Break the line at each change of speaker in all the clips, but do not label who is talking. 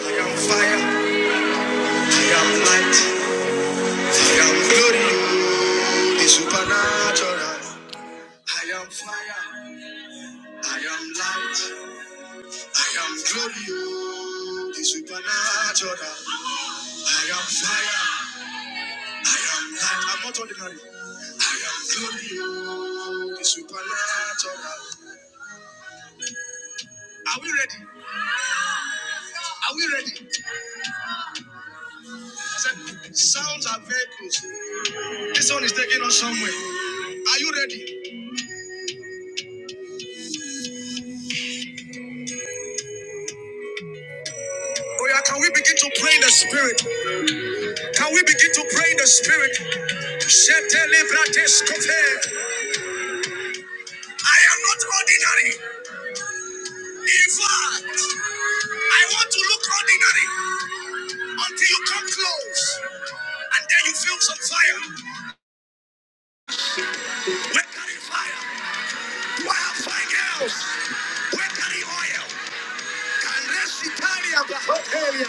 I am fire, I am light, I am glory, the supernatural. I am fire, I am light, I am glory, the supernatural. I am fire, I am light, I'm not ordinary. I am glorious, the supernatural. Are we ready? Are we ready? I said, sounds are vehicles. This one is taking us somewhere. Are you ready? Oh yeah, can we begin to pray in the spirit? Can we begin to pray in the spirit? I am not ordinary. In fact, I want to look ordinary until you come close and then you feel some fire. Where can the fire? Do I have fine girls? Where can the oil? Can rest Italia, the hot area.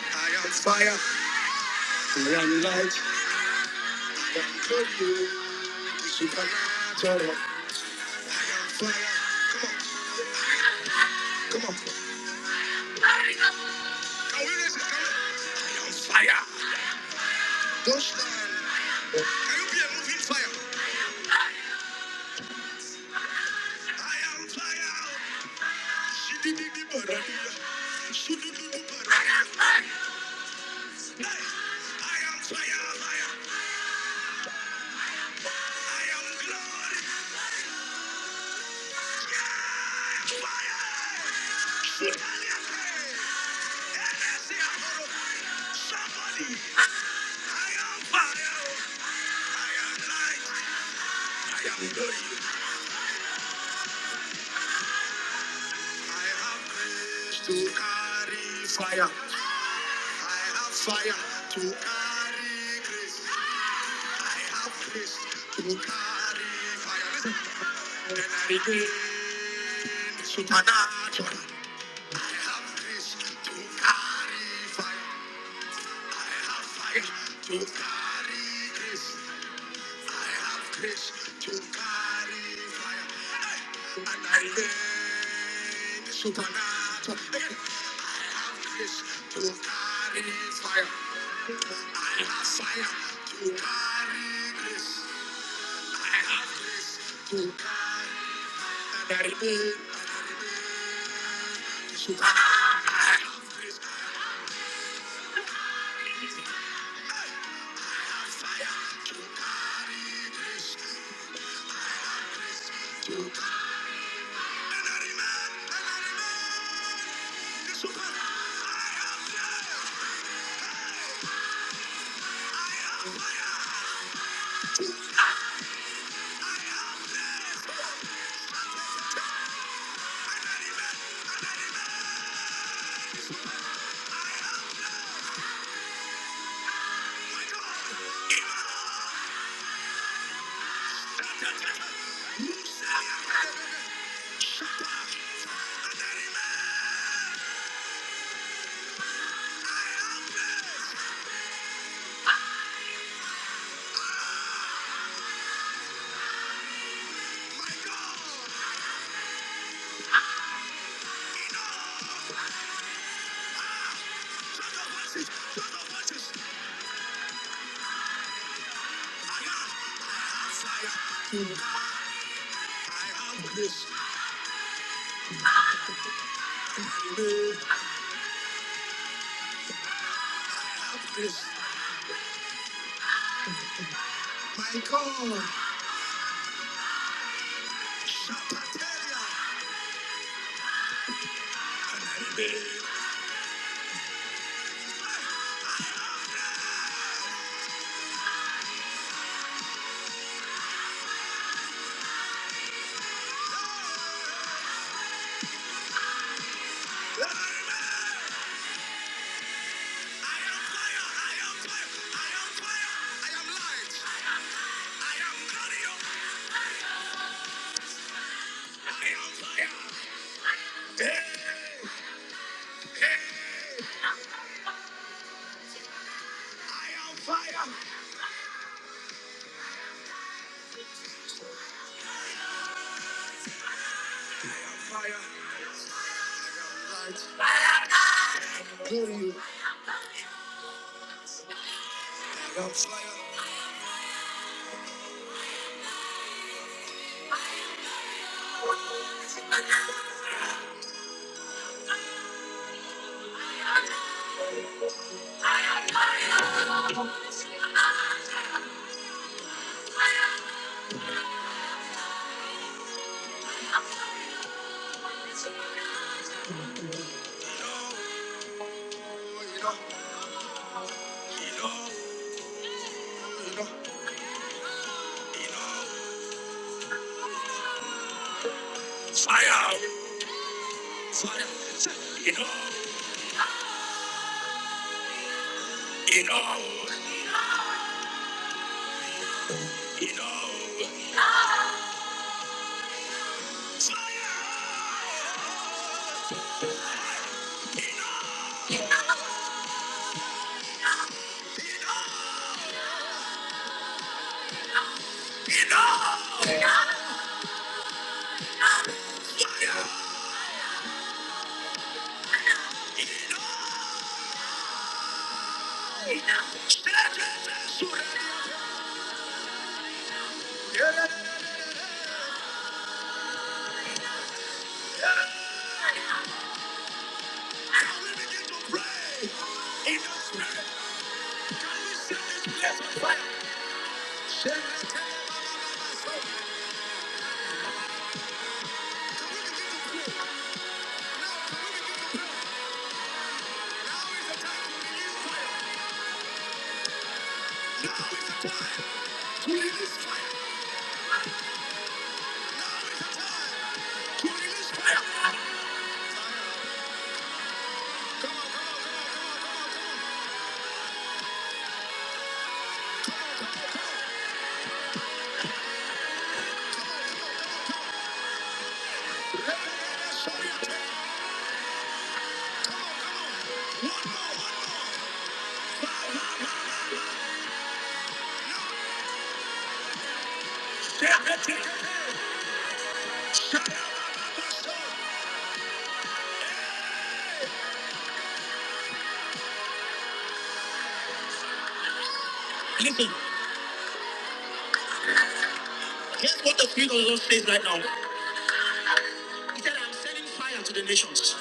I am fire. I am light. I am glory. Supernatural. I am fire. Come on, come on. I am fire. Don't stand. Can you be a moving fire? I am fire. She did it, the brother. She did it, the brother. Nice. I am fire, fire. I am glory. Yeah, fire. Shoot all Energy, Somebody. I am fire. I am light. I am glory. I have grace to carry fire. I have fire to carry grace. I have grace to carry fire. Listen. Then I regain supernatural. I have grace to carry fire. I have fire to carry grace. I have grace to carry fire. And I regain supernatural. Again, grace to carry fire. I have fire to carry grace. My God. Fire. Fire. Fire. I am fire. so. so. Listen, here's what the Spirit of the Lord says right now. He said, I'm sending fire to the nations,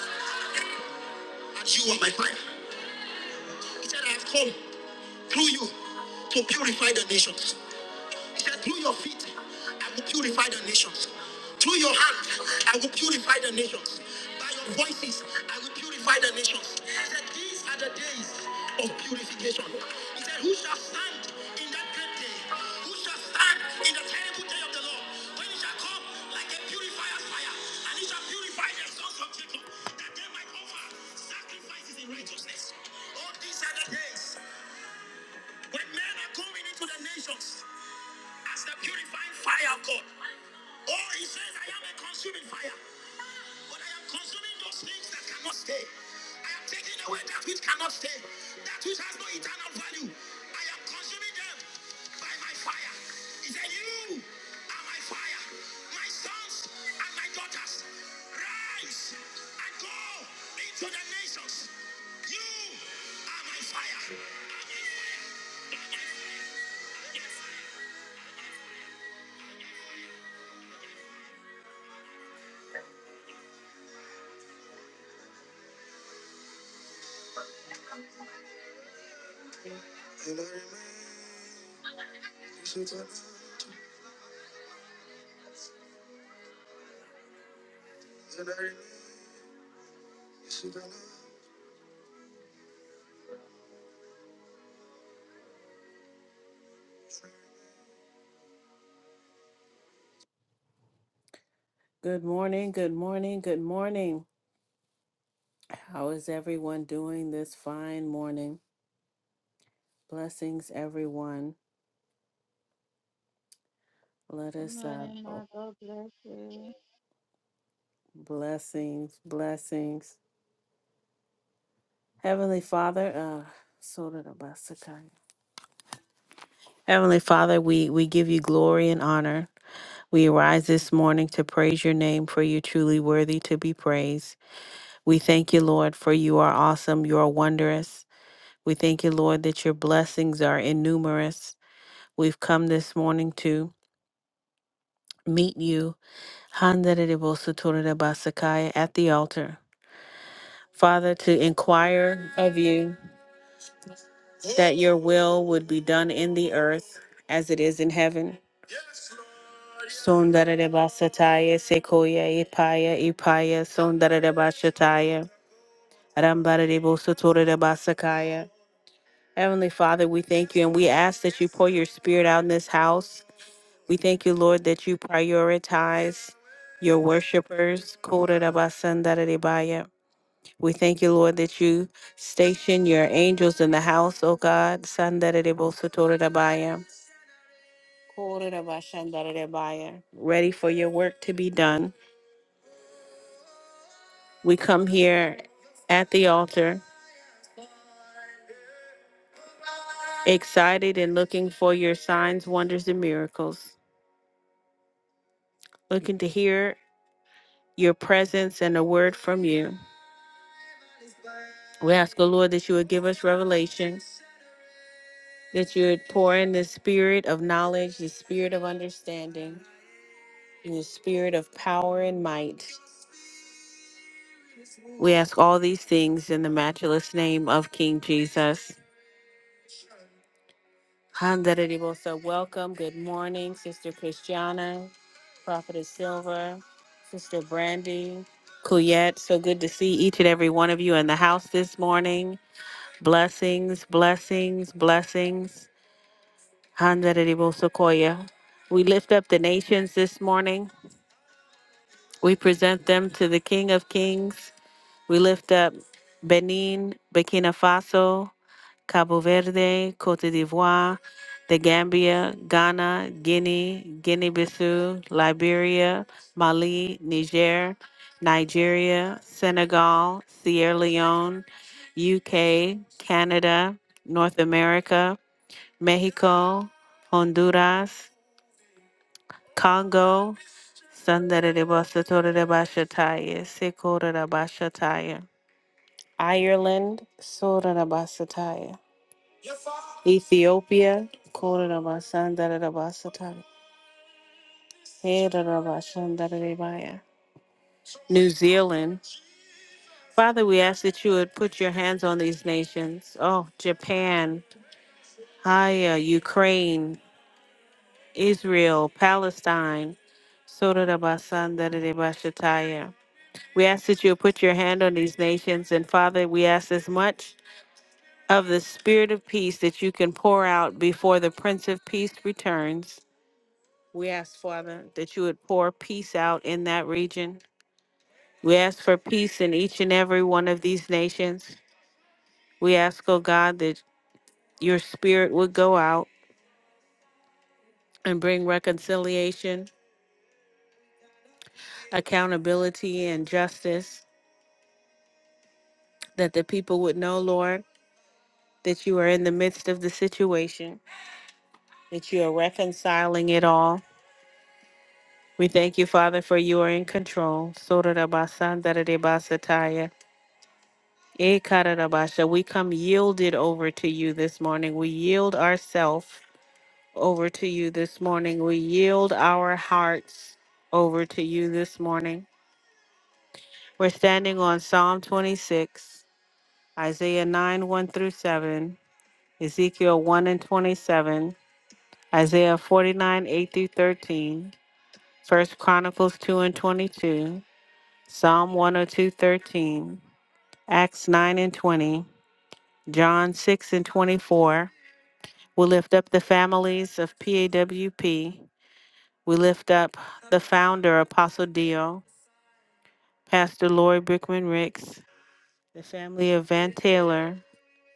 and you are my fire. He said, I have come through you to purify the nations. He said, Through your feet, I will purify the nations. Through your hand, I will purify the nations. By your voices, I will purify the nations. He said, These are the days of purification. He said, Who shall stand in that great day? Who shall stand in the terrible day of the Lord? When He shall come like a purifier's fire, and He shall purify the sons of Jacob, that they might offer sacrifices in righteousness. All these are the days when men are coming into the nations. As the purifying fire of God. Oh, he says, I am a consuming fire. But I am consuming those things that cannot stay. I am taking away that which cannot stay, that which has no eternal value. I am consuming them by my fire. He said, You are my fire, my sons and my daughters. Rise and go into the nations. You are my fire. Good morning, good morning, good morning. How is everyone doing this fine morning? Blessings, everyone. Let
Good
us, uh,
morning,
oh,
Ma. God bless you.
blessings, blessings. Heavenly Father, uh, Sora da Basakai. Heavenly Father, we, we give you glory and honor. We arise this morning to praise your name, for you truly worthy to be praised. We thank you, Lord, for you are awesome, you are wondrous. We thank you, Lord, that your blessings are innumerable. We've come this morning to meet you, Handarabosatorirabasakaya, at the altar. Father, to inquire of you that your will would be done in the earth as it is in heaven. Sondarabasataya, Sekoya, Ipaya, Ipaya, Sondarabashataya, Rambarabosatorirabasakaya. Heavenly Father, we thank you and we ask that you pour your spirit out in this house We thank you, Lord, that you prioritize your worshipers. Kodarabasandararebaya. We thank you, Lord, that you station your angels in the house, O God. Sandarerebosotorabaya. Kodarabashandarerebaya. Ready for your work to be done. We come here at the altar, excited and looking for your signs, wonders, and miracles, looking to hear your presence and a word from you. We ask, O Lord, that you would give us revelation that you would pour in the spirit of knowledge, the spirit of understanding, and the spirit of power and might. We ask all these things in the matchless name of King Jesus. Handaredibosa, Welcome. Good morning, Sister Christiana, Prophetess Silva, Sister Brandy, Kuyet. So good to see each and every one of you in the house this morning. Blessings, blessings, blessings. Handaredibosa Koya. We lift up the nations this morning. We present them to the King of Kings. We lift up Benin, Burkina Faso, Cabo Verde, Cote d'Ivoire, the Gambia, Ghana, Guinea, Guinea Bissau, Liberia, Mali, Niger, Nigeria, Senegal, Sierra Leone, UK, Canada, North America, Mexico, Honduras, Congo, Sandarabasatarirabashataya, Sikorabashataya. Ireland, Sorabasataya. Ethiopia, Korabasandarabasatai, Herabashandarabaya. New Zealand. Father, we ask that you would put your hands on these nations. Oh, Japan, Haya, Ukraine, Israel, Palestine, Sorabasandarabashataya. We ask that you would put your hand on these nations. And Father, we ask as much of the spirit of peace that you can pour out before the Prince of Peace returns. We ask, Father, that you would pour peace out in that region. We ask for peace in each and every one of these nations. We ask, O God, that your spirit would go out and bring reconciliation, accountability, and justice, that the people would know, Lord, that you are in the midst of the situation, that you are reconciling it all We thank you, Father, for you are in control. Sotarabasandararebasataya. ekarabasha. We come yielded over to you this morning. We yield ourselves over to you this morning. We yield our hearts over to you this morning. We're standing on Psalm 26, Isaiah 9, 1 through 7, Ezekiel 1 and 27, Isaiah 49, 8 through 13, 1 Chronicles 2 and 22, Psalm 102:13. Acts 9 and 20, John 6 and 24. We lift up the families of PAWP. We lift up the founder, Apostle Dio, Pastor Lori Brickman Ricks, the family of Van Taylor,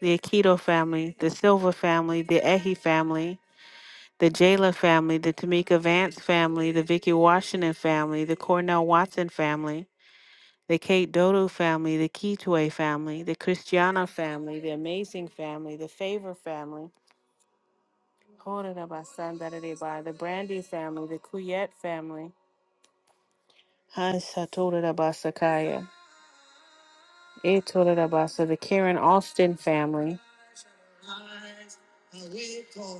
the Akito family, the Silva family, the Ehi family, the Jayla family, the Tamika Vance family, the Vicky Washington family, the Cornell Watson family, the Kate Dodo family, the Kitwe family, the Christiana family, the Amazing family, the Favor family, Horodabasandaradebai, the Brandy family, the Kuyet family, Hansatorabasakaya, Etorabasa, the Karen Austin family,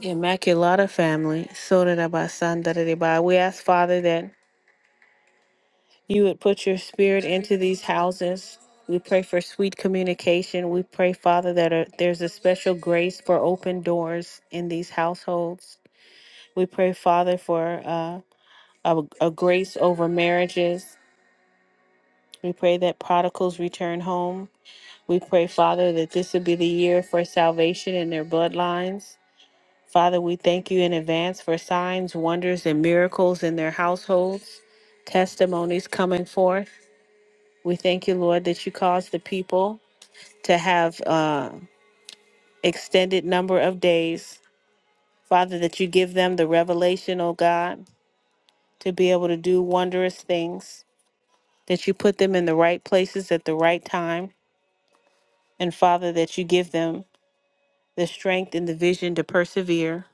Immaculata family, Sotorabasandaradeba. We ask, Father, that you would put your spirit into these houses. We pray for sweet communication. We pray, Father, that uh there's a special grace for open doors in these households. We pray, Father, for uh, a, a grace over marriages. We pray that prodigals return home. We pray, Father, that this would be the year for salvation in their bloodlines. Father, we thank you in advance for signs, wonders, and miracles in their households, testimonies coming forth. We thank you, Lord, that you cause the people to have uh, extended number of days. Father, that you give them the revelation, oh God, to be able to do wondrous things, that you put them in the right places at the right time. And Father, that you give them the strength and the vision to persevere.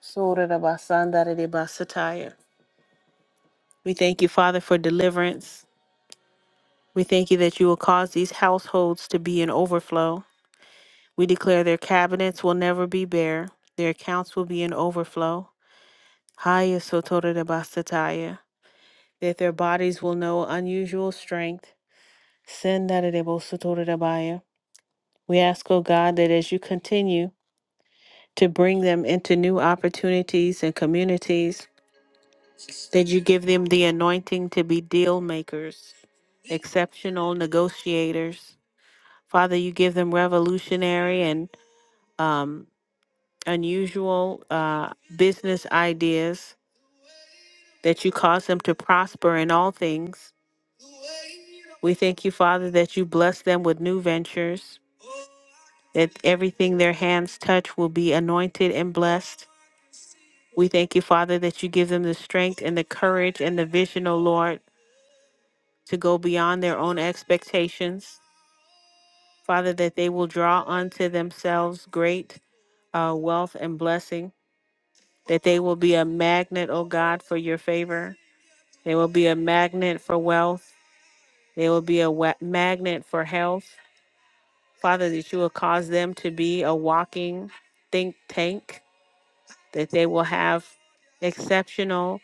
surah We thank you, Father, for deliverance. We thank you that you will cause these households to be in overflow. We declare their cabinets will never be bare, their accounts will be in overflow. Haya sotora de basataya. That their bodies will know unusual strength. Sendara de bosotora de baya. We ask, O God, that as you continue to bring them into new opportunities and communities, that you give them the anointing to be deal makers, exceptional negotiators. Father, you give them revolutionary and um. unusual uh, business ideas, that you cause them to prosper in all things. We thank you, Father, that you bless them with new ventures, that everything their hands touch will be anointed and blessed. We thank you, Father, that you give them the strength and the courage and the vision, O Lord, to go beyond their own expectations. Father, that they will draw unto themselves great uh, wealth and blessing, that they will be a magnet, O God, for your favor They will be a magnet for wealth. They will be a wa- magnet for health. Father, that you will cause them to be a walking think tank, that they will have exceptional,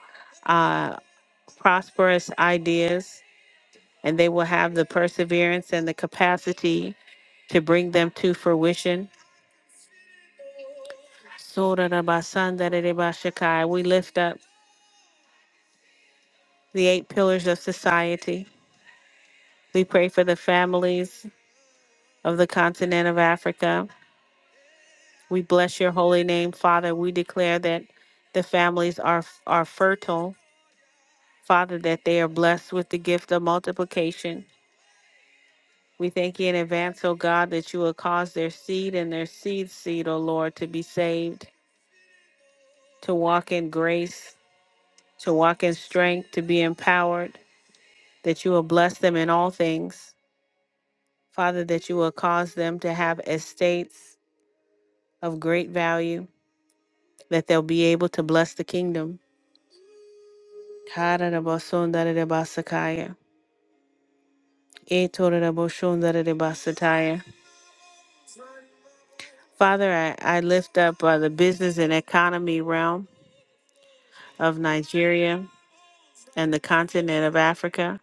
uh, prosperous ideas, and they will have the perseverance and the capacity to bring them to fruition. Sorarabasandararebashakai. We lift up the eight pillars of society. We pray for the families of the continent of Africa. We bless your holy name, Father. We declare that the families are are fertile, Father, that they are blessed with the gift of multiplication. We thank you in advance, O God, that you will cause their seed and their seed seed, O Lord, to be saved, to walk in grace, to walk in strength, to be empowered, that you will bless them in all things. Father, that you will cause them to have estates of great value, that they'll be able to bless the kingdom. Etorabosondarebasataya. Father, I, I lift up uh, the business and economy realm of Nigeria and the continent of Africa.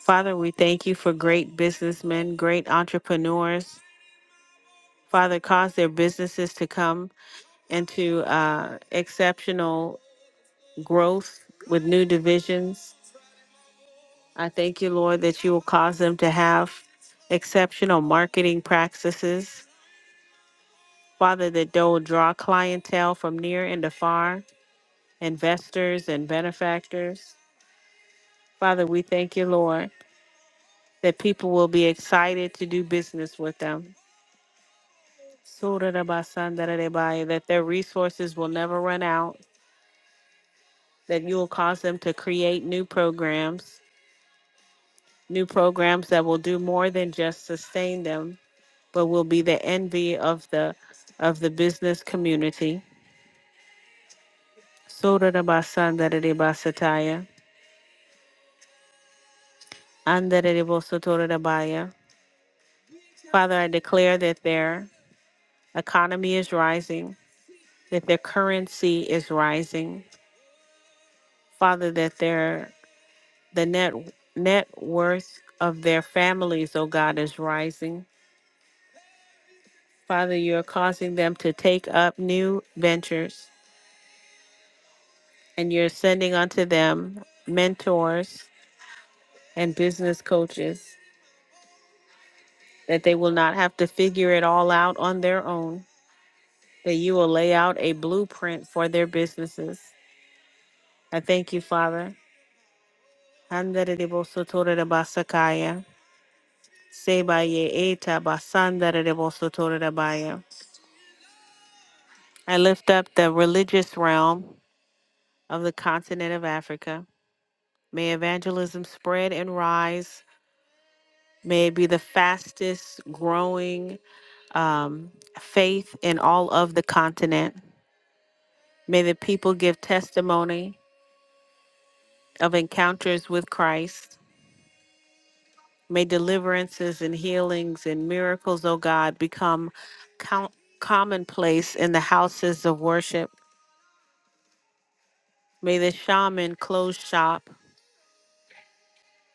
Father, we thank you for great businessmen, great entrepreneurs. Father, cause their businesses to come into uh, exceptional growth with new divisions. I thank you, Lord, that you will cause them to have exceptional marketing practices Father, that they'll draw clientele from near and afar, investors and benefactors. Father, we thank you, Lord, that people will be excited to do business with them. Surarabasandaradebaya, That their resources will never run out, that you will cause them to create new programs, new programs that will do more than just sustain them, but will be the envy of the of the business community. Surarabasandaradebasataya. Andarerebosotorabaya. Father, I declare that their economy is rising, that their currency is rising. Father, that their the net net worth of their families, oh God, is rising. Father, you're causing them to take up new ventures and you're sending unto them mentors and business coaches that they will not have to figure it all out on their own, that you will lay out a blueprint for their businesses I thank you, Father. Handaridibosothorirabasakaya. Sebaye eta basandaridibosothorirabaya. I lift up the religious realm of the continent of Africa. May evangelism spread and rise. May it be the fastest growing um, faith in all of the continent. May the people give testimony of encounters with Christ. May deliverances and healings and miracles, O God, become count- commonplace in the houses of worship. May the shaman close shop.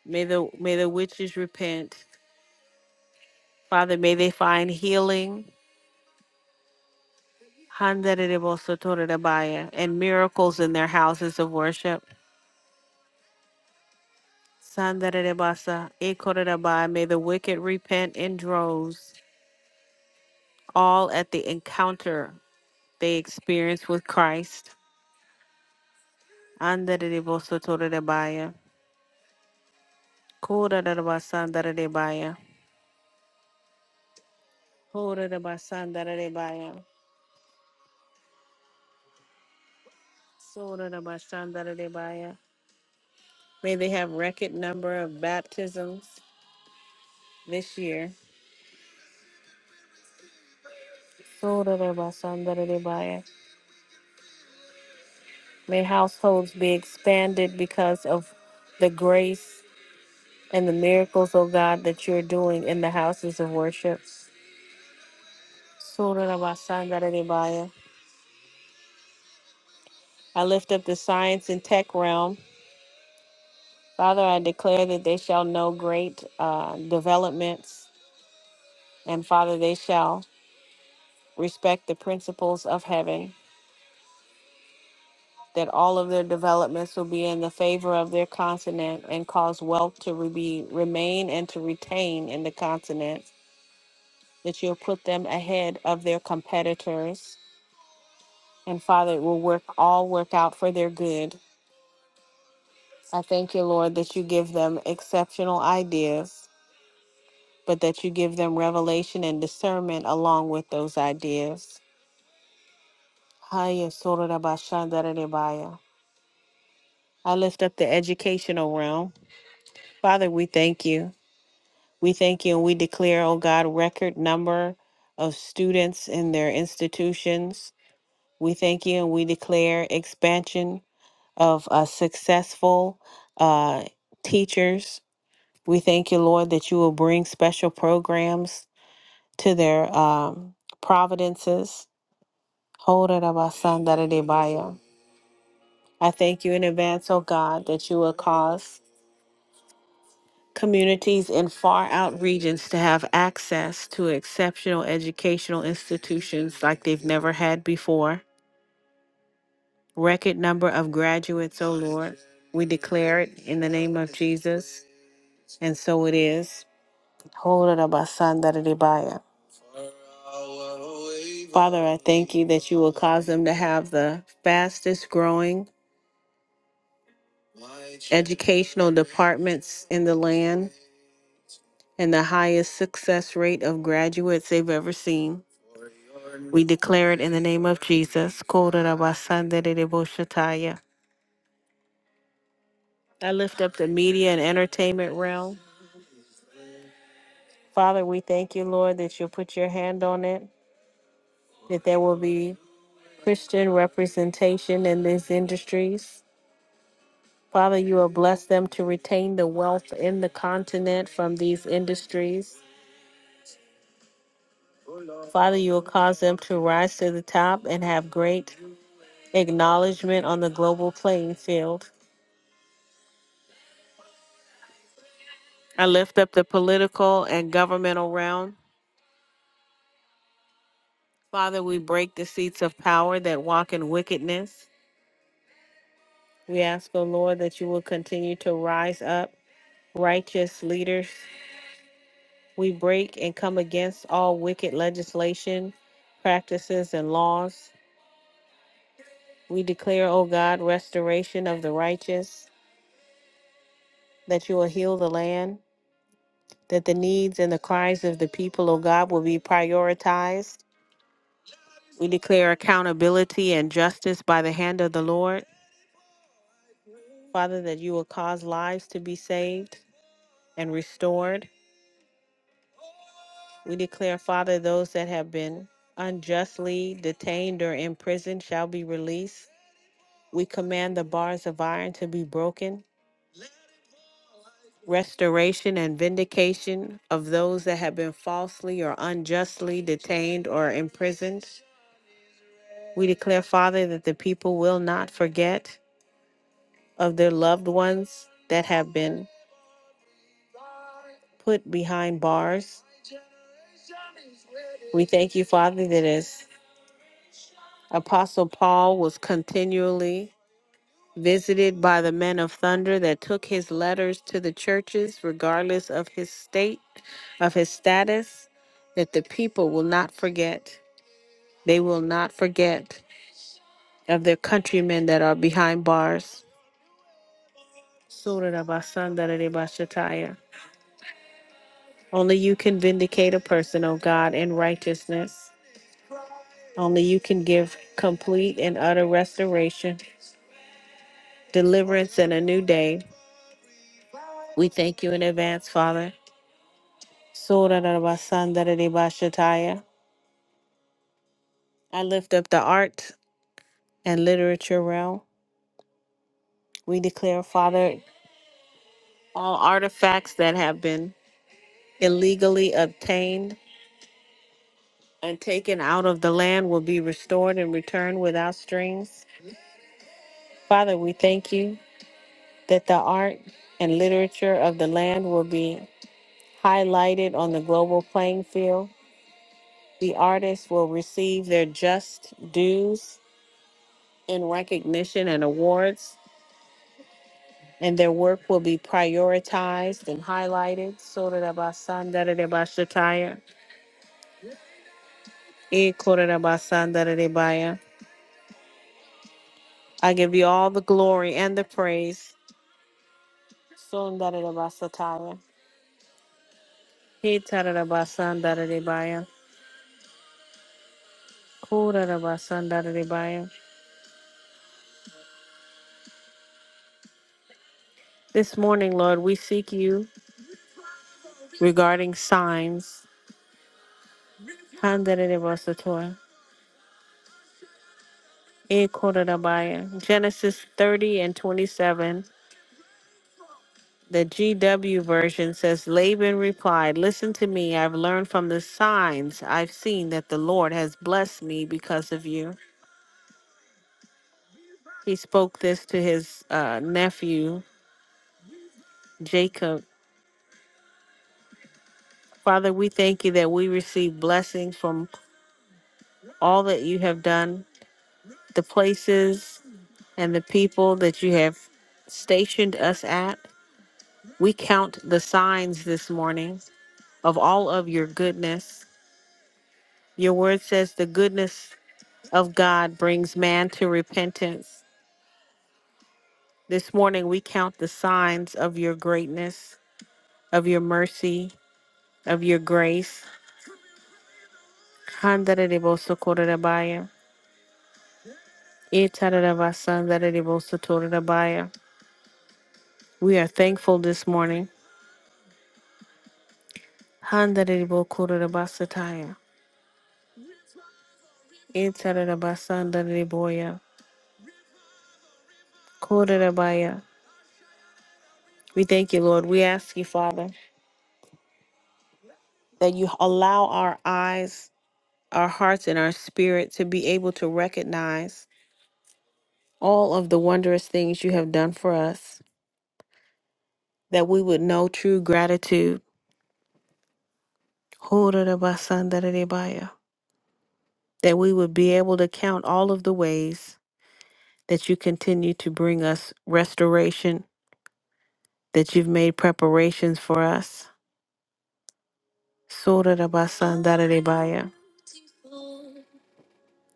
May the may the witches repent. Father, may they find healing Handarerebosatorerebaya, and miracles in their houses of worship. Sandarerebasa, ikorerebaya. May the wicked repent in droves, all at the encounter they experience with Christ. Andarerebosatorerebaya. Kora da da de baya. Kora da basanda de baya. Sora da basanda de baya. May they have record number of baptisms this year. Sora da basanda de baya. May households be expanded because of the grace and the miracles, O God, that you're doing in the houses of worship. Sora da basanda de baya. I lift up the science and tech realm. Father, I declare that they shall know great uh, developments And Father, they shall respect the principles of heaven, that all of their developments will be in the favor of their continent and cause wealth to re- be, remain and to retain in the continent, that you'll put them ahead of their competitors. And Father, it will work all work out for their good. I thank you, Lord, that you give them exceptional ideas, but that you give them revelation and discernment along with those ideas. Haya sorara bashandara debaya. I lift up the educational realm. Father, we thank you. We thank you and we declare, oh God, record number of students in their institutions. We thank you and we declare expansion of uh, successful uh, teachers. We thank you, Lord, that you will bring special programs to their um, providences. Hold it, Abba, Son, that it may buy you. I thank you in advance, oh God, that you will cause communities in far out regions to have access to exceptional educational institutions like they've never had before. Record number of graduates, O Lord. We declare it in the name of Jesus, and so it is. Holarabasandararebaya. Father, I thank you that you will cause them to have the fastest growing educational departments in the land and the highest success rate of graduates they've ever seen. We declare it in the name of Jesus. Kororabasandedeboshataya. I lift up the media and entertainment realm. Father, we thank you, Lord, that you'll put your hand on it, that there will be Christian representation in these industries. Father, you will bless them to retain the wealth in the continent from these industries. Father, you will cause them to rise to the top and have great acknowledgement on the global playing field. I lift up the political and governmental realm. Father, we break the seats of power that walk in wickedness. We ask, O Lord, that you will continue to rise up righteous leaders. We break and come against all wicked legislation, practices, and laws. We declare, O God, restoration of the righteous, that you will heal the land, that the needs and the cries of the people, O God, will be prioritized. We declare accountability and justice by the hand of the Lord. Father, that you will cause lives to be saved. and restored. We declare, Father, those that have been unjustly detained or imprisoned shall be released. We command the bars of iron to be broken. Restoration and vindication of those that have been falsely or unjustly detained or imprisoned. We declare, Father, that the people will not forget of their loved ones that have been put behind bars. We thank you, Father, that as Apostle Paul was continually visited by the men of thunder that took his letters to the churches regardless of his state of his status that the people will not forget they will not forget of their countrymen that are behind bars Surah Rabasandararebashataya. only you can vindicate a person o god in righteousness only you can give complete and utter restoration deliverance and a new day we thank you in advance father Surah I lift up the art and literature realm. We declare, Father, all artifacts that have been illegally obtained and taken out of the land will be restored and returned without strings. Father, we thank you that the art and literature of the land will be highlighted on the global playing field. The artists will receive their just dues in recognition and awards and their work will be prioritized and highlighted. Sorarabasandaradebashataya, Ekorabasandaradebaya. I give you all the glory and the praise. Sondaradabasataya, Hetarabasandaradebaya, Korabasandaradebaya. This morning, Lord, we seek you regarding signs. Handaradebasatoya, Ekorabaya. Genesis 30 and 27. The GW version says Laban replied, Listen to me, I've learned from the signs I've seen that the Lord has blessed me because of you. He spoke this to his uh, nephew, Jacob. Father, we thank you that we receive blessings from all that you have done, the places and the people that you have stationed us at. We count the signs this morning of all of your goodness. Your word says the goodness of God brings man to repentance. This morning we count the signs of your greatness, of your mercy, of your grace. Handarebosokorabaya, itarabasandarabosotorabaya. We are thankful this morning. Handarebokorabasataya, itarabasandaraboya, korabaya. We thank you, Lord. We ask you, Father, that you allow our eyes, our hearts, and our spirit to be able to recognize. all of the wondrous things you have done for us, that we would know true gratitude. Ho-ra-ra-ba-san-da-da-da-ba-ya. That we would be able to count all of the ways that you continue to bring us restoration, that you've made preparations for us. So-ra-ra-ba-san-da-da-da-ba-ya.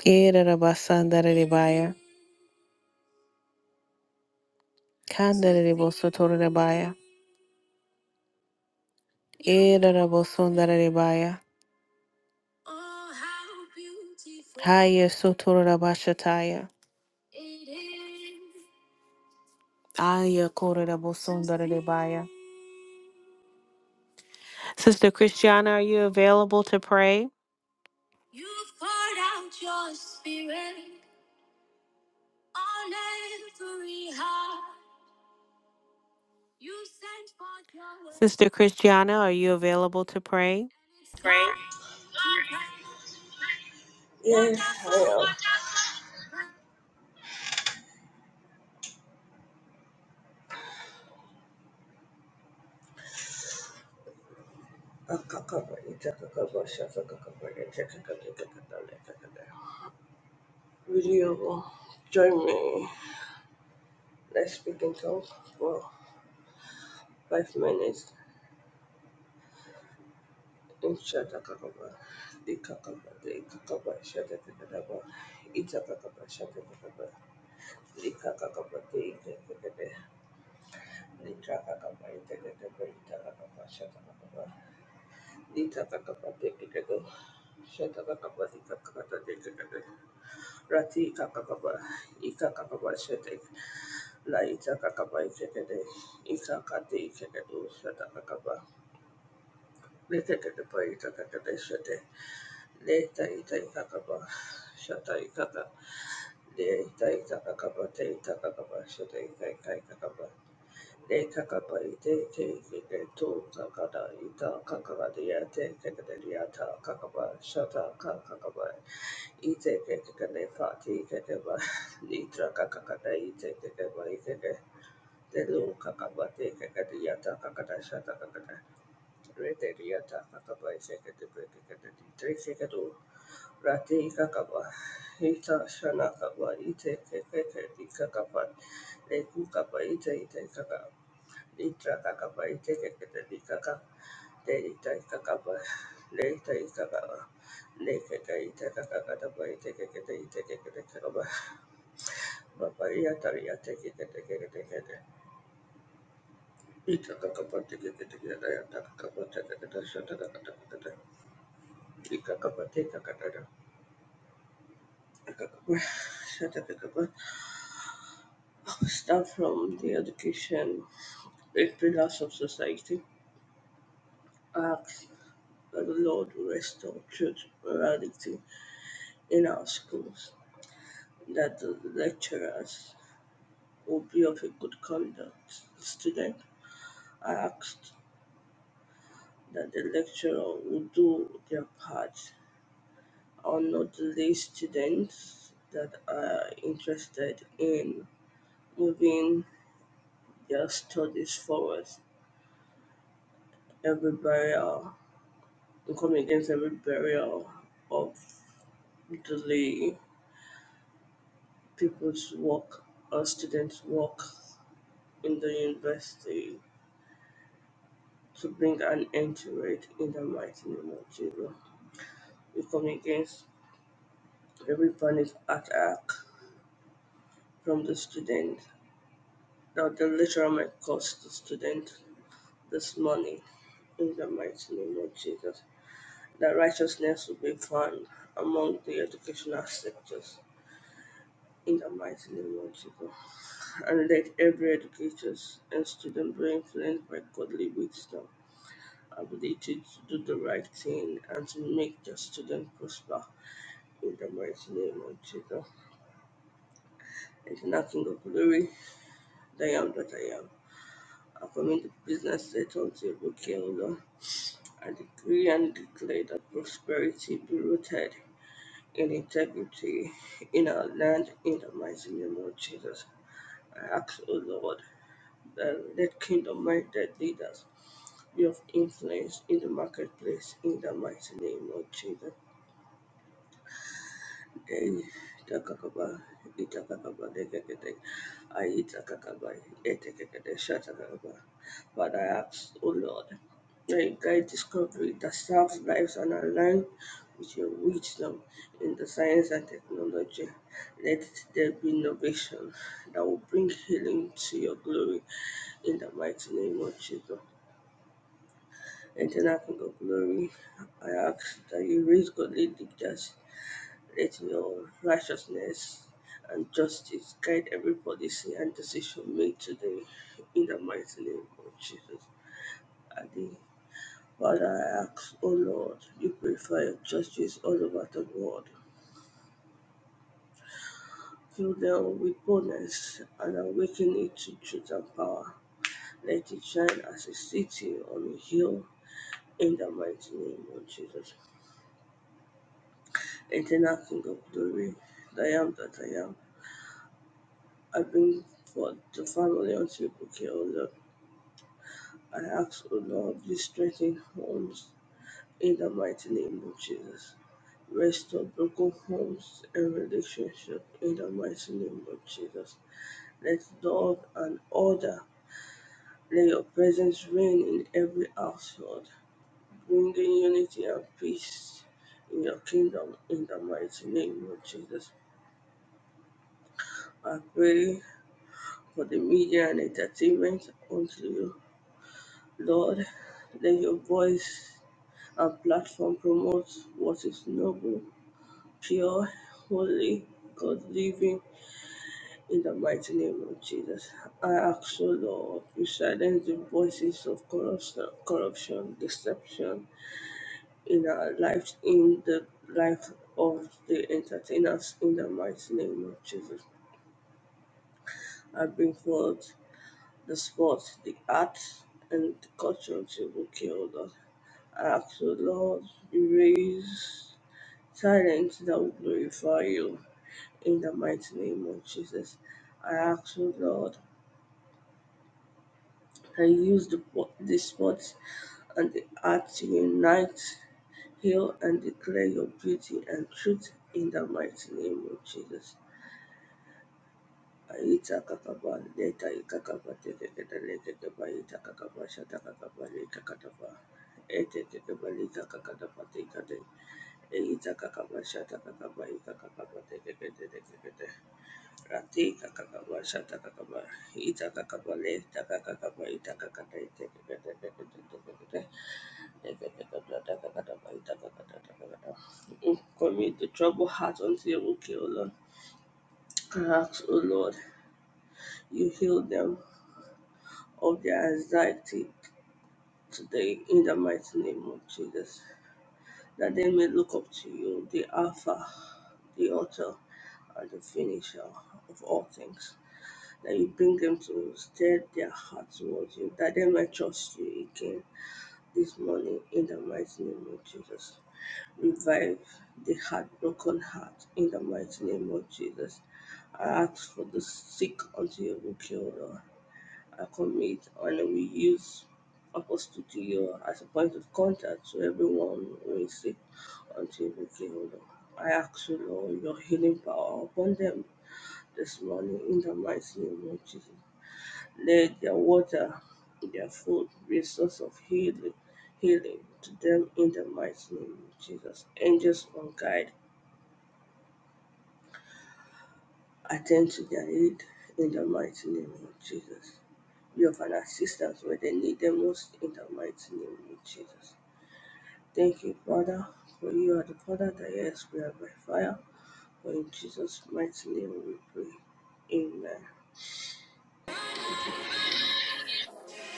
E-ra-ra-ba-san-da-da-da-ba-ya. Kan-da-da-da-bo-so-to-ra-ra-ba-ya. E-ra-ra-bo-son-da-da-da-ba-ya. ya haya so to ra ra ba sha Aya korera bosondere de baya. Sister Christiana, are you available to pray? Sister Christiana, are you available to pray?
pray. Yes, I am.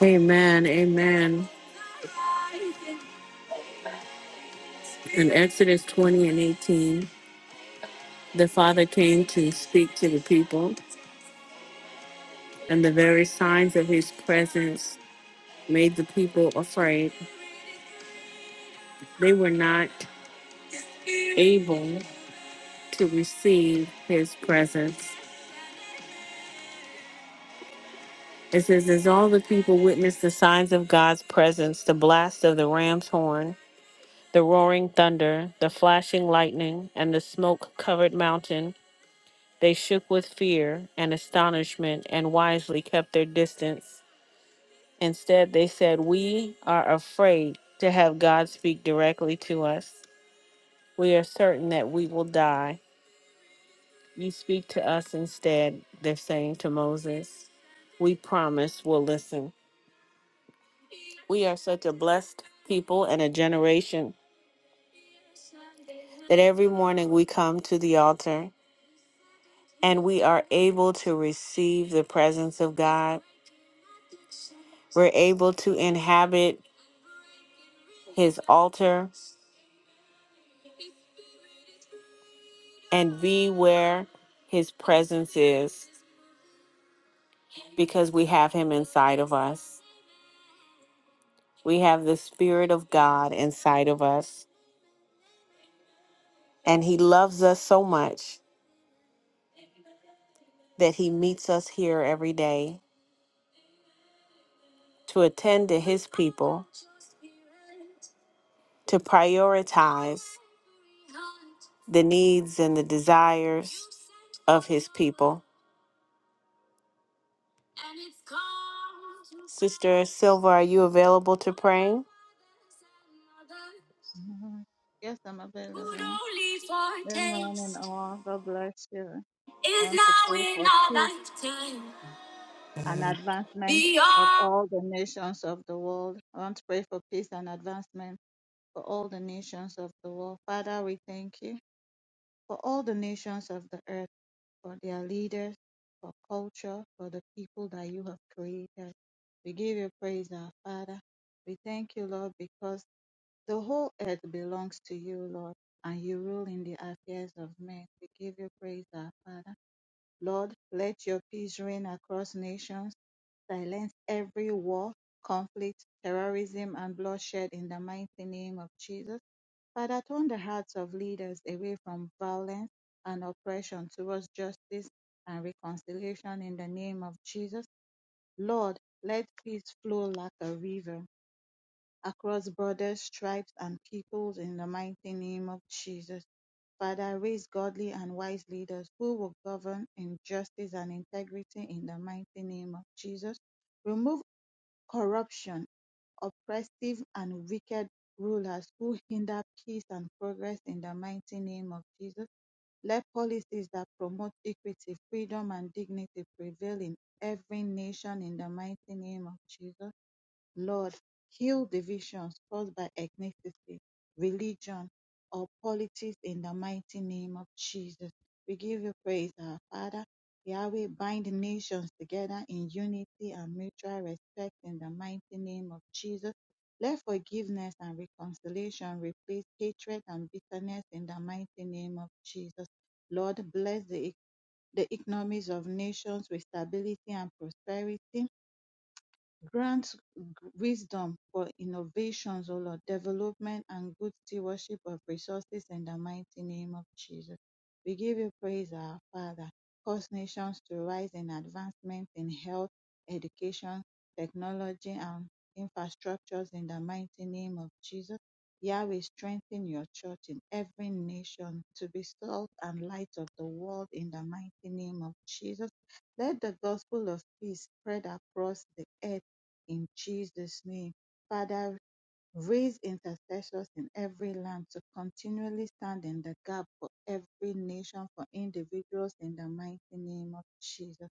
Amen, amen. In Exodus 20 and 18, the Father came to speak to the people, and the very signs of his presence made the people afraid. They were not able to receive his presence. It says, As all the people witnessed the signs of God's presence, the blast of the ram's horn, the roaring thunder, the flashing lightning, and the smoke covered mountain, they shook with fear and astonishment and wisely kept their distance. Instead, they said, We are afraid to have God speak directly to us. We are certain that we will die. You speak to us instead, they're saying to Moses. We promise we'll listen. We are such a blessed people and a generation that every morning we come to the altar and we are able to receive the presence of God. We're able to inhabit his altar and be where his presence is because we have him inside of us. We have the Spirit of God inside of us. And he loves us so much that he meets us here every day to attend to his people, to prioritize the needs and the desires of his people. Sister Silva, are you available to pray?
Mhm. Yes, I'm available. Good morning, all. God bless you. I want to pray for peace and advancement of all the nations of the world. I want to pray for peace and advancement for all the nations of the world. Father, we thank you for all the nations of the earth, for their leaders, for culture, for the people that you have created. We give you praise, our Father. We thank you, Lord, because The whole earth belongs to you, Lord, and you rule in the affairs of men. We give you praise, our Father. Lord, let your peace reign across nations. Silence every war, conflict, terrorism, and bloodshed in the mighty name of Jesus. Father, turn the hearts of leaders away from violence and oppression towards justice and reconciliation in the name of Jesus. Lord, let peace flow like a river across borders, tribes, and peoples in the mighty name of Jesus. Father, raise godly and wise leaders who will govern in justice and integrity in the mighty name of Jesus. Remove corruption, oppressive, and wicked rulers who hinder peace and progress in the mighty name of Jesus. Let policies that promote equity, freedom, and dignity prevail in every nation in the mighty name of Jesus. Lord, heal divisions caused by ethnicity, religion, or politics in the mighty name of Jesus. We give you praise, our Father. Yahweh, bind the nations together in unity and mutual respect in the mighty name of Jesus. Let forgiveness and reconciliation replace hatred and bitterness in the mighty name of Jesus. Lord, bless the, the economies of nations with stability and prosperity Grant g- wisdom for innovations, O Lord, development and good stewardship of resources in the mighty name of Jesus. We give you praise, our Father. Cause nations to rise in advancement in health, education, technology, and infrastructures in the mighty name of Jesus. Yahweh, strengthen your church in every nation to be salt and light of the world in the mighty name of Jesus. Let the gospel of peace spread across the earth in Jesus' name. Father, Raise intercessors in every land to continually stand in the gap for every nation, for individuals, in the mighty name of Jesus.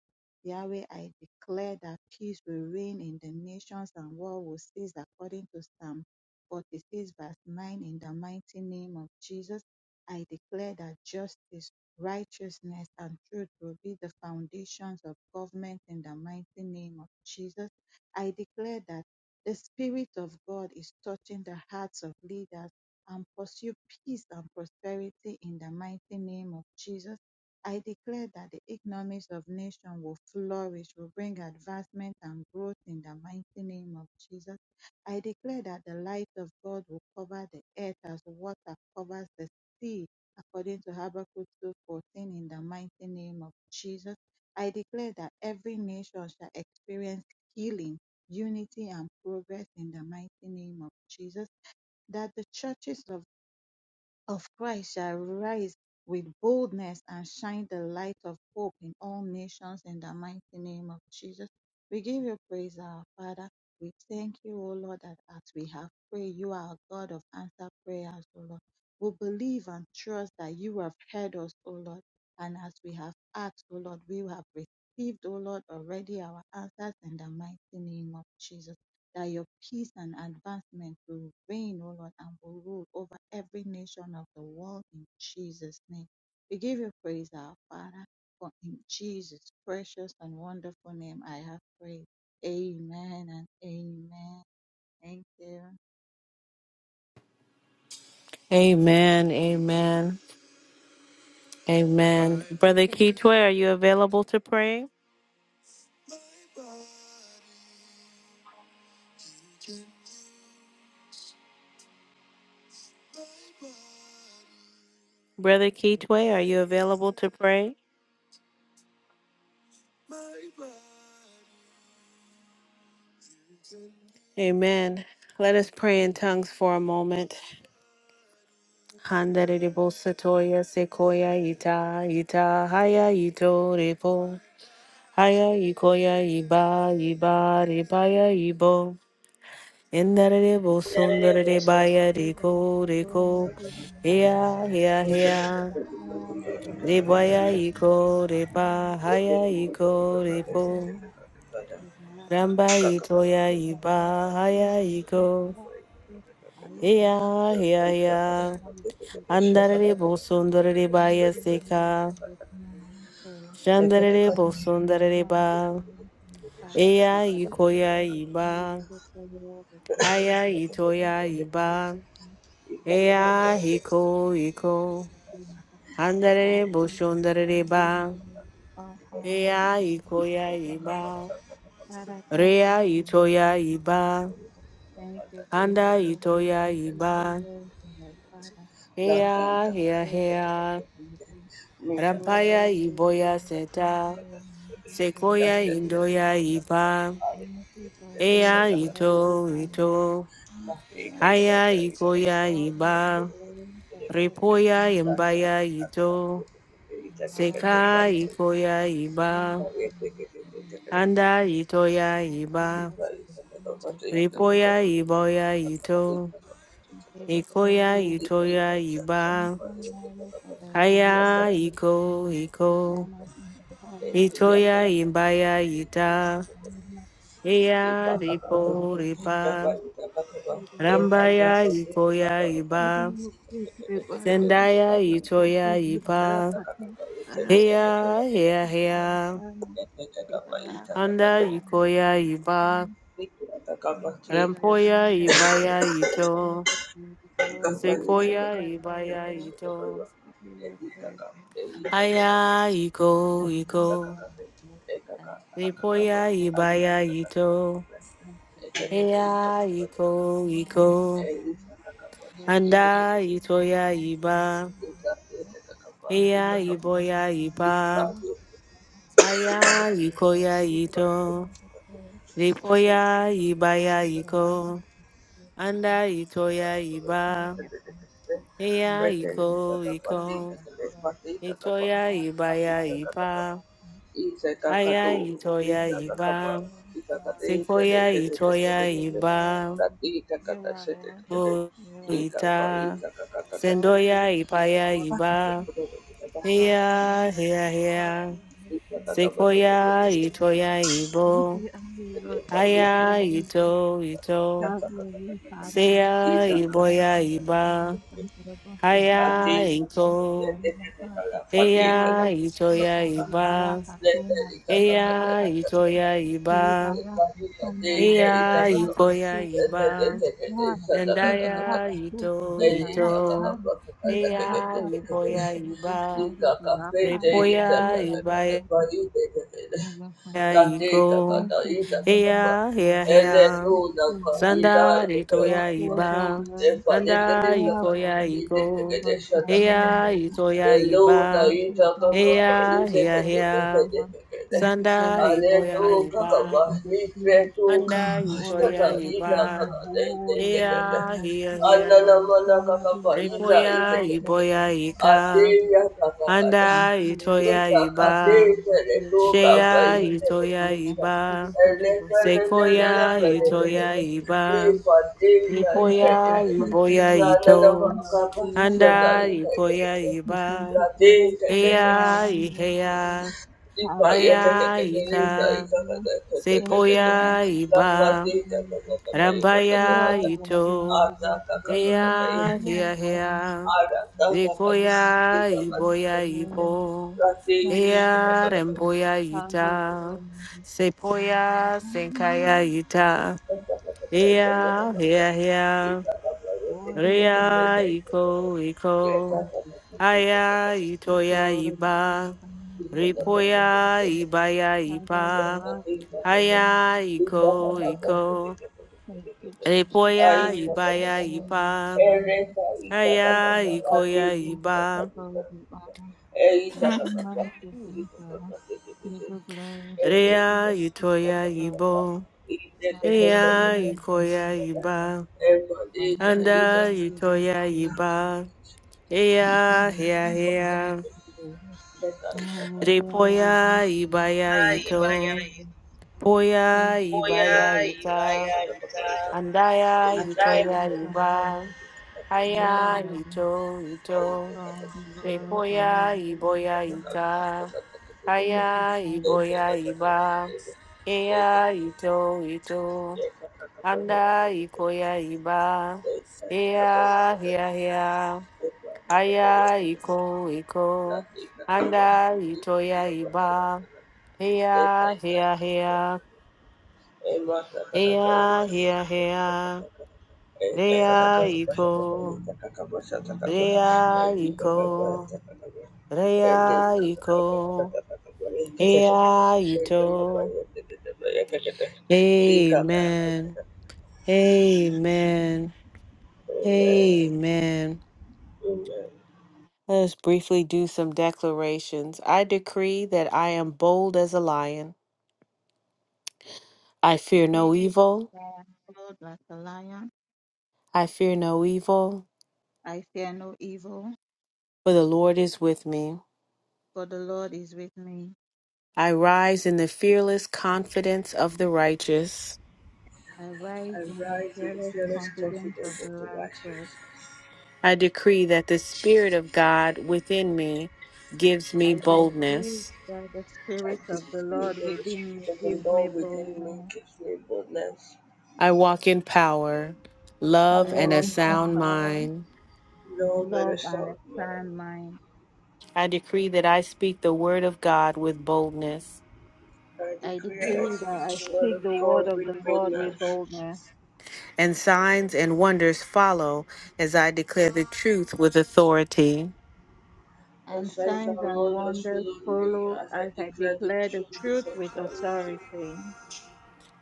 Yahweh, I declare that peace will reign in the nations and war will cease according to Psalm 46, verse 9, in the mighty name of Jesus. I declare that justice, righteousness, and truth will be the foundations of government in the mighty name of Jesus. I declare that the Spirit of God is touching the hearts of leaders and pursue peace and prosperity in the mighty name of Jesus. I declare that the economies of nations will flourish, will bring advancement and growth in the mighty name of Jesus. I declare that the light of God will cover the earth as water covers the sea, according to Habakkuk 2:14 in the mighty name of Jesus. I declare that every nation shall experience healing unity and progress in the mighty name of Jesus, that the churches of, of Christ shall rise with boldness and shine the light of hope in all nations in the mighty name of Jesus. We give you praise, our Father. We thank you, O Lord, that as we have prayed, you are a God of answered prayers, O Lord. We believe and trust that you have heard us, O Lord. And as we have asked, O Lord, we have received, O Lord, already our answers in the mighty name of Jesus that your peace and advancement will reign, O Lord, and will rule over every nation of the world in Jesus' name. We give you praise, our Father, for in Jesus' precious and wonderful name I have prayed. Amen and amen. Thank
Amen. Amen. Amen. Brother Keetway, are you available to pray? Brother Keetway, are you available to pray? Amen. Let us pray in tongues for a moment. Handarebo satoya sequoia ita ita haya ito Haya ikoya iba iba ribaya ibo. Endere bo sondere de baya riko riko. Hea hea hea. Rebaya iko repa haya iko
you.
repo.
भरा
Ramba
सके
itoya
आयु भरा
iba
सके
haya
मुझे
iko.
भरा सके आयु भरा
Hea hea hea.
मेरा मुझे
Andare de bo sondere de
लेकिन
baya
के लिए
seka.
जरूरत नहीं है
Shandere
Yes,
de bo
my
sondere de
madam,
ba.
Father,
Eya
keep the
ikoya
Lord of peace,
iba.
keep the Lord of grace,
Haya
and keep
itoya
the
iba.
Jesus
Eya hiko iko. Handere
all things
boshondere
all the
ba.
Lord, all honor
Eya
is
ikoya
given.
iba.
Father, thank you
Rea
for me.
itoya iba.
Thank you for your
Handa
blessings.
itoya
I give you
iba.
praise, O Lord Father. I give
Eya
you
hea
praise, O Lord
hea.
Jesus. You are
Rampaya
worthy to be
iboya
praised.
seta.
You are worthy to be
Sequoia
praised, O
indoya
Lord.
iba.
Thank you for
Eya
your God and
ito
guidance.
ito.
Thank you and
Haya ikoya
for the
iba.
glory forever
Repoya
and
imbaya ito.
now and
Seka
beyond.
ikoya
Your
iba,
glory and your power
handa itoya
to the
iba,
Lord of the King.
ripoya iboya ito,
Give you praise,
ikoya
O Lord.
itoya
Make
iba,
them mighty, for there is no help
haya
for you.
iko iko,
Hosanna in the highest
itoya
blessed
imbaya ita,
Mama
eya ripo
Hosanna
ripa,
Libera
rambaya
Pati
ikoya iba,
Adilu Libera Pasta
sendaya
Parabosi
itoya
Libera
ipa,
Pati Arapato
heya heya
Libera
heya,
Sana Libera Pato
handa ikoya
Libera Sana
iba.
Thank you for your
Rampoya
mother.
Ibaya
Thank
Ito,
you for the glory.
Sequoia
Blessed are you,
Ibaya
Lord.
Ito,
We give you praise.
Aya
I
Iko
thank you
Iko,
Lord God. We thank
Ripoya
you for your
Ibaya
mercy,
Ito,
thank you for your grace,
Aya
for
Iko
your name,
Iko,
name. Blessed is
Anda
he who
Itoya
comes in the
Iba,
name of the Lord.
Aya
Hosanna in the
Iboya
highest.
Iba,
Thank you, Father, thank
Aya
you, Lord.
Ikoya
Take
Ito,
all the glory, take
Ripoya
all the
Ibaya
glory, the Lamb
Iko,
of God.
Anda Itoya
Thank
Iba,
you, Father,
Aya
thank you, Lord.
Iko
Thank you, Lord
Iko.
of God, thank you,
Itoya
Lord, for
ibaya iba.
your mercy.
Aya itoya
Thank you for
iba.
your love,
Sequoia itoya
We will praise
iba.
you. You are worthy.
O
You are grateful.
ita.
All praise,
Sendoya ipaya
all
iba.
glory, all honor,
Heya heya
all
heya.
adoration.
Sequoia itoya
You
ibo.
be only Lord, faithful.
Aya
Hallelujah.
ito ito.
Have your way, Father.
Seya
Thank you
iboya
for
iba.
your mercy, Lord. Thank you, Lord,
Aya ito. Heya itoya iba. Eya itoya iba. Iya ikoya iba endaya ito ito. Iya ipoya iba repoya iba ya iko. Iya iya iya sanda
for all
ritoya
praise, all
iba
glory,
anda
yeah, well,
ikoya iko.
for family in
Iya
the
itoya
house.
iba.
Thank you, Father,
Iya
for my
iya
friends
iya
and everyone. Thank you for
sanda
this
ikoya
library. Thank
iba
you for students.
anda
Make you all
itoya
for making me
iba.
whole in the name
Here,
of
here,
Jesus.
here.
Father, be the right
Ripoya,
prophet
Iboya,
and all my
Ika.
family.
Anda,
Thank you, O Lord,
Itoya,
for
Iba.
everyone here that make
Shea,
you for
Itoya, Iba.
sensitivity to the Holy Spirit.
Sequoia,
Father, we
Itoya,
thank you. And
Iba.
we thank you for
Ripoya,
healing
Iboya,
all of the
Ito.
family, our spiritual and
Anda,
body.
Ikoya,
We thank
Iba.
you, Father, for you are
Heya,
worthy forever.
Iheya.
Have your will. in
Haya,
the name of
Ika.
Jesus. Thank you, Yahweh,
Sepoya,
for there is
Iba.
no one like you. You
Rambaya,
are worthy
Ito.
to be praised. You
Heya,
are
here,
worthy
here.
to be praised. Have
Likoya iboya ibo.
your
Ea
way.
remboya
Have your way. Have your
ita.
way. We are
Sepoya senkaya ita.
thankful. We give it
Ea
to
hea
you.
hea.
Worthy are you.
Rea iko iko.
Thank you.
Aya
It's
itoya
already
iba.
done.
Ripoya ibaya
Father, you
ipa.
are the one.
Aya
You are
iko
the
iko.
Thank you, Jesus.
Ripoya
Bless you, I
ibaya
am not
ipa.
God. Pray
Aya
for my
ikoya
beginning.
iba.
Before you are, you be manifesting God. You be glorious and
Rea
you be
Utoya
exalted.
ibo, Rea
Hallelujah, be
Ukoya
magnified.
iba, Anda
Hallelujah, be
Utoya
magnified.
iba, Ea Hea
Hallelujah, be
Hea,
magnified. Hallelujah, be
Repoya Ibaya
Ah,
magnified.
ibaya,
Ito,
Thank
Poya
you,
oya,
Ibaya
Jesus.
Ita,
ibaya, yada.
Andaya
Thank
Andai.
Utoya
you, Father.
iba,
You are
Haya
worthy
Ito Ito,
for all the glory
Repoya
forever in
Iboya
Jesus.
Ita,
Thank you,
Haya
Father.
Iboya Iba, Ea Ito Ito. Anda ikoya iba. Hia hia hia. Aya iko iko. Anda itoya iba. Hia hia hia. Hia hia hia. Rea iko. Rea iko. Rea iko. Hia ito. Amen. Amen. Amen. Let us briefly do some declarations. I decree that I am bold as a lion. I fear no evil.
I am bold like a lion.
I fear no evil,
I fear no evil,
for the Lord is with me.
for the Lord is with me.
I rise in the fearless confidence of the righteous.
I rise in the fearless confidence of the righteous.
I decree that the Spirit of God within me gives me
I decree
boldness.
that the Spirit of the Lord within me gives me boldness.
I walk in power, love,
I
and a
walk in
sound
power,
mind.
love, and a sound mind.
I decree that I speak the word of God with boldness.
I decree that I speak the word of the Lord with boldness.
and signs and wonders follow as I declare the truth with authority.
and signs and wonders follow as I declare the truth with authority.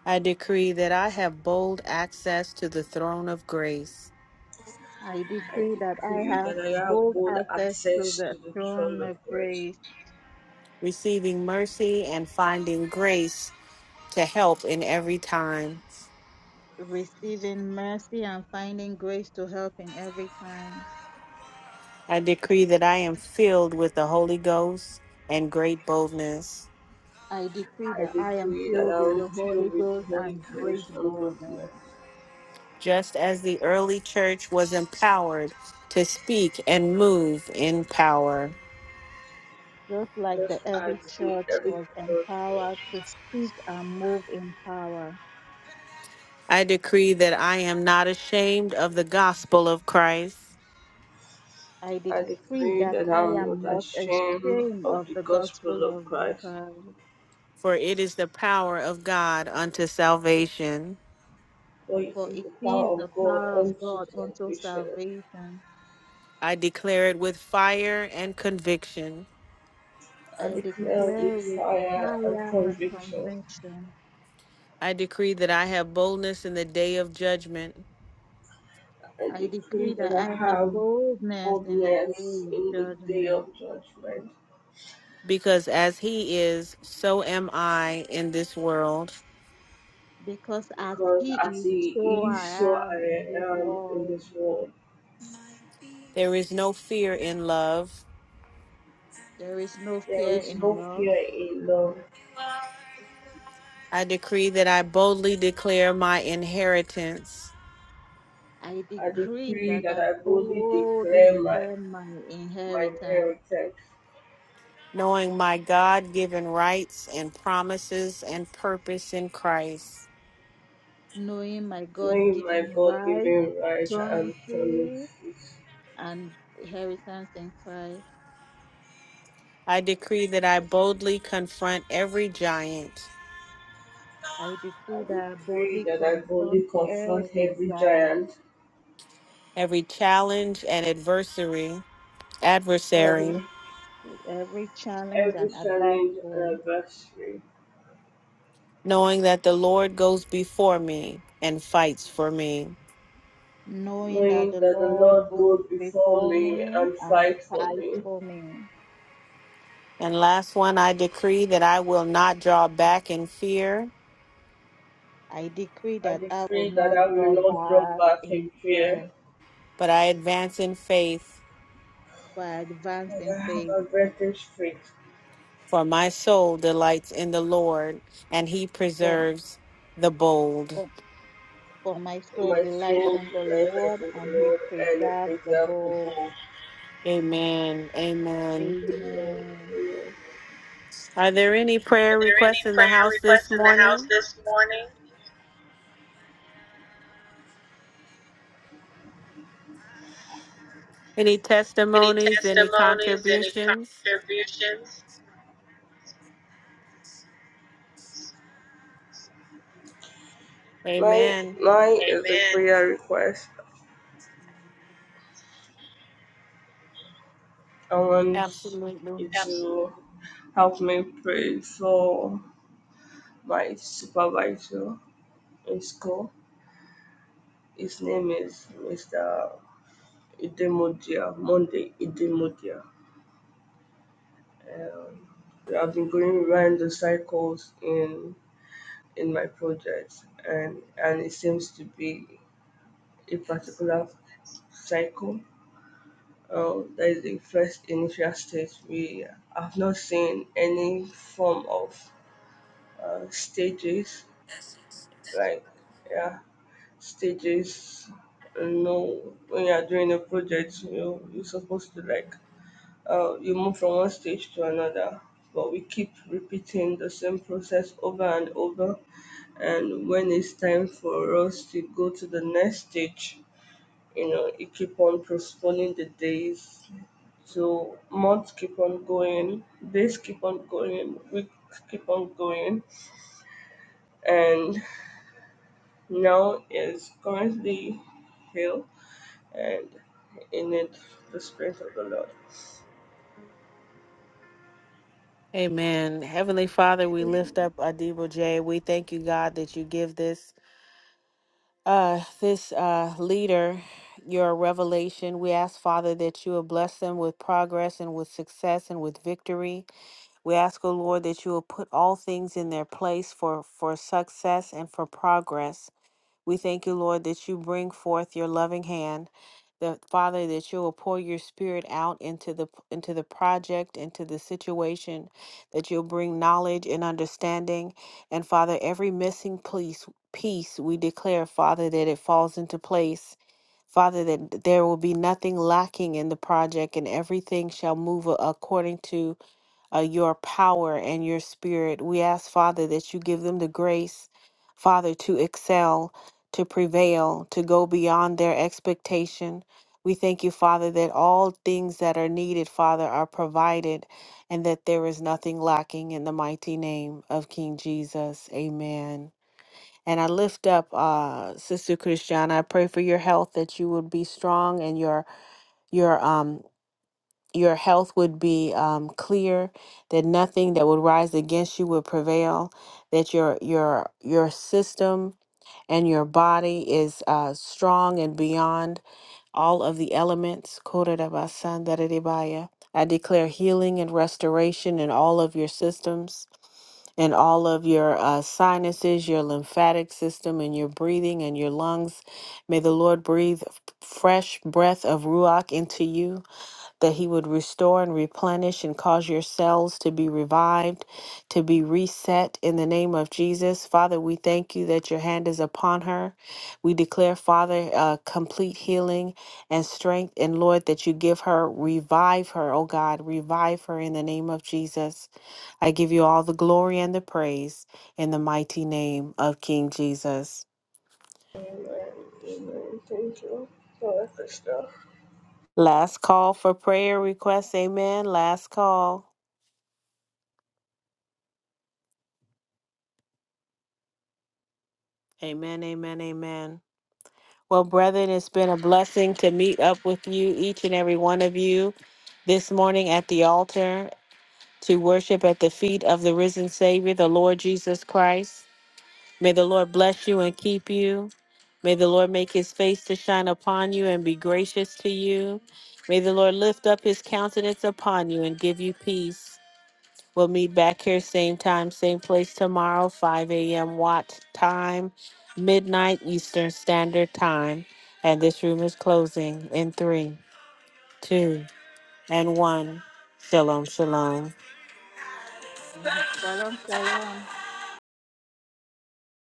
I decree that I have bold access to the throne of grace,
I decree that I have bold access to the throne of grace,
receiving mercy and finding grace to help in every time.
receiving mercy and finding grace to help in every time.
I decree that I am filled with the Holy Ghost and great boldness,
I decree that I am filled with the Holy Ghost and great boldness.
just as the early church was empowered to speak and move in power.
Just like the early church was empowered to speak and move in power,
I decree that I am not ashamed of the gospel of Christ,
I decree that I am not ashamed of the gospel of God,
for it is the power of God unto salvation.
for it is the power of God unto salvation.
I declare it with fire and conviction.
I declare with fire and conviction.
I decree that I have boldness in the day of judgment,
I decree that I have boldness in the day of judgment,
because as he is, so am I in this world.
because as He is, so I am in this world.
There is no fear in love.
There is no fear in love.
I decree that I boldly declare my inheritance.
I decree that I boldly declare my inheritance
knowing my God given rights and promises and purpose in Christ.
knowing my God given right, promises, and inheritance in Christ,
I decree that I boldly confront every giant,
I decree that I boldly confront every giant,
every challenge and adversary,
every
adversary,
every challenge and adversary,
knowing that the Lord goes before me and fights for me.
knowing that the Lord goes before me and fights for me.
And last one, I decree that I will not draw back in fear,
I decree that I will not draw back in fear,
but I advance in faith,
but I advance in faith.
for my soul delights in the Lord, and he
For
preserves the bold.
For my soul delights in the Lord, and He preserves the bow.
Amen. Amen.
Amen.
Are there any prayer
Are there any
requests in the
prayer
house this
requests in the house
morning?
this morning?
Any
Any
testimonies? Any
testimonies, any
contributions?
contributions?
Amen.
Amen.
Absolutely.
Absolutely.
Amen. Heavenly Father, we lift up Adibo J. We thank you, God, that you give this. uh, this uh, leader your revelation. We ask, Father, that you will bless them with progress and with success and with victory. We ask, O Lord, that you will put all things in their place for, for success and for progress. We thank you, Lord, that you bring forth your loving hand, that Father, that you will pour your spirit out into the into the project, into the situation, that you'll bring knowledge and understanding. And Father, every missing piece piece we declare, Father, that it falls into place. Father, that there will be nothing lacking in the project and everything shall move according to uh, your power and your spirit. We ask, Father, that you give them the grace, Father, to excel, to prevail, to go beyond their expectation. We thank you, Father, that all things that are needed, Father, are provided and that there is nothing lacking in the mighty name of King Jesus. Amen. And I lift up uh, Sister Christiana. I pray for your health, that you would be strong and your your um your health would be um, clear, that nothing that would rise against you would prevail, that your your your system and your body is uh, strong and beyond all of the elements. Kodarabasandararebaya. I declare healing and restoration in all of your systems, in all of your uh, sinuses, your lymphatic system, and your breathing and your lungs. May the Lord breathe f- fresh breath of Ruach into you that he would restore and replenish and cause your cells to be revived, to be reset in the name of Jesus. Father, we thank you that your hand is upon her. We declare, Father, uh, complete healing and strength. And Lord, that you give her, revive her, oh God, revive her in the name of Jesus. I give you all the glory and the praise in the mighty name of King Jesus. Last call for prayer requests. Amen. Last call. Amen. Amen. Amen. Well, brethren, it's been a blessing to meet up with you, each and every one of you, this morning at the altar to worship at the feet of the risen Savior, the Lord Jesus Christ. May the Lord bless you and keep you. May the Lord make his face to shine upon you and be gracious to you. May the Lord lift up his countenance upon you and give you peace. We'll meet back here, same time, same place tomorrow, 5 a.m. Watt time, midnight Eastern Standard Time. And this room is closing in three, two, and one. Shalom, shalom.
Shalom, shalom.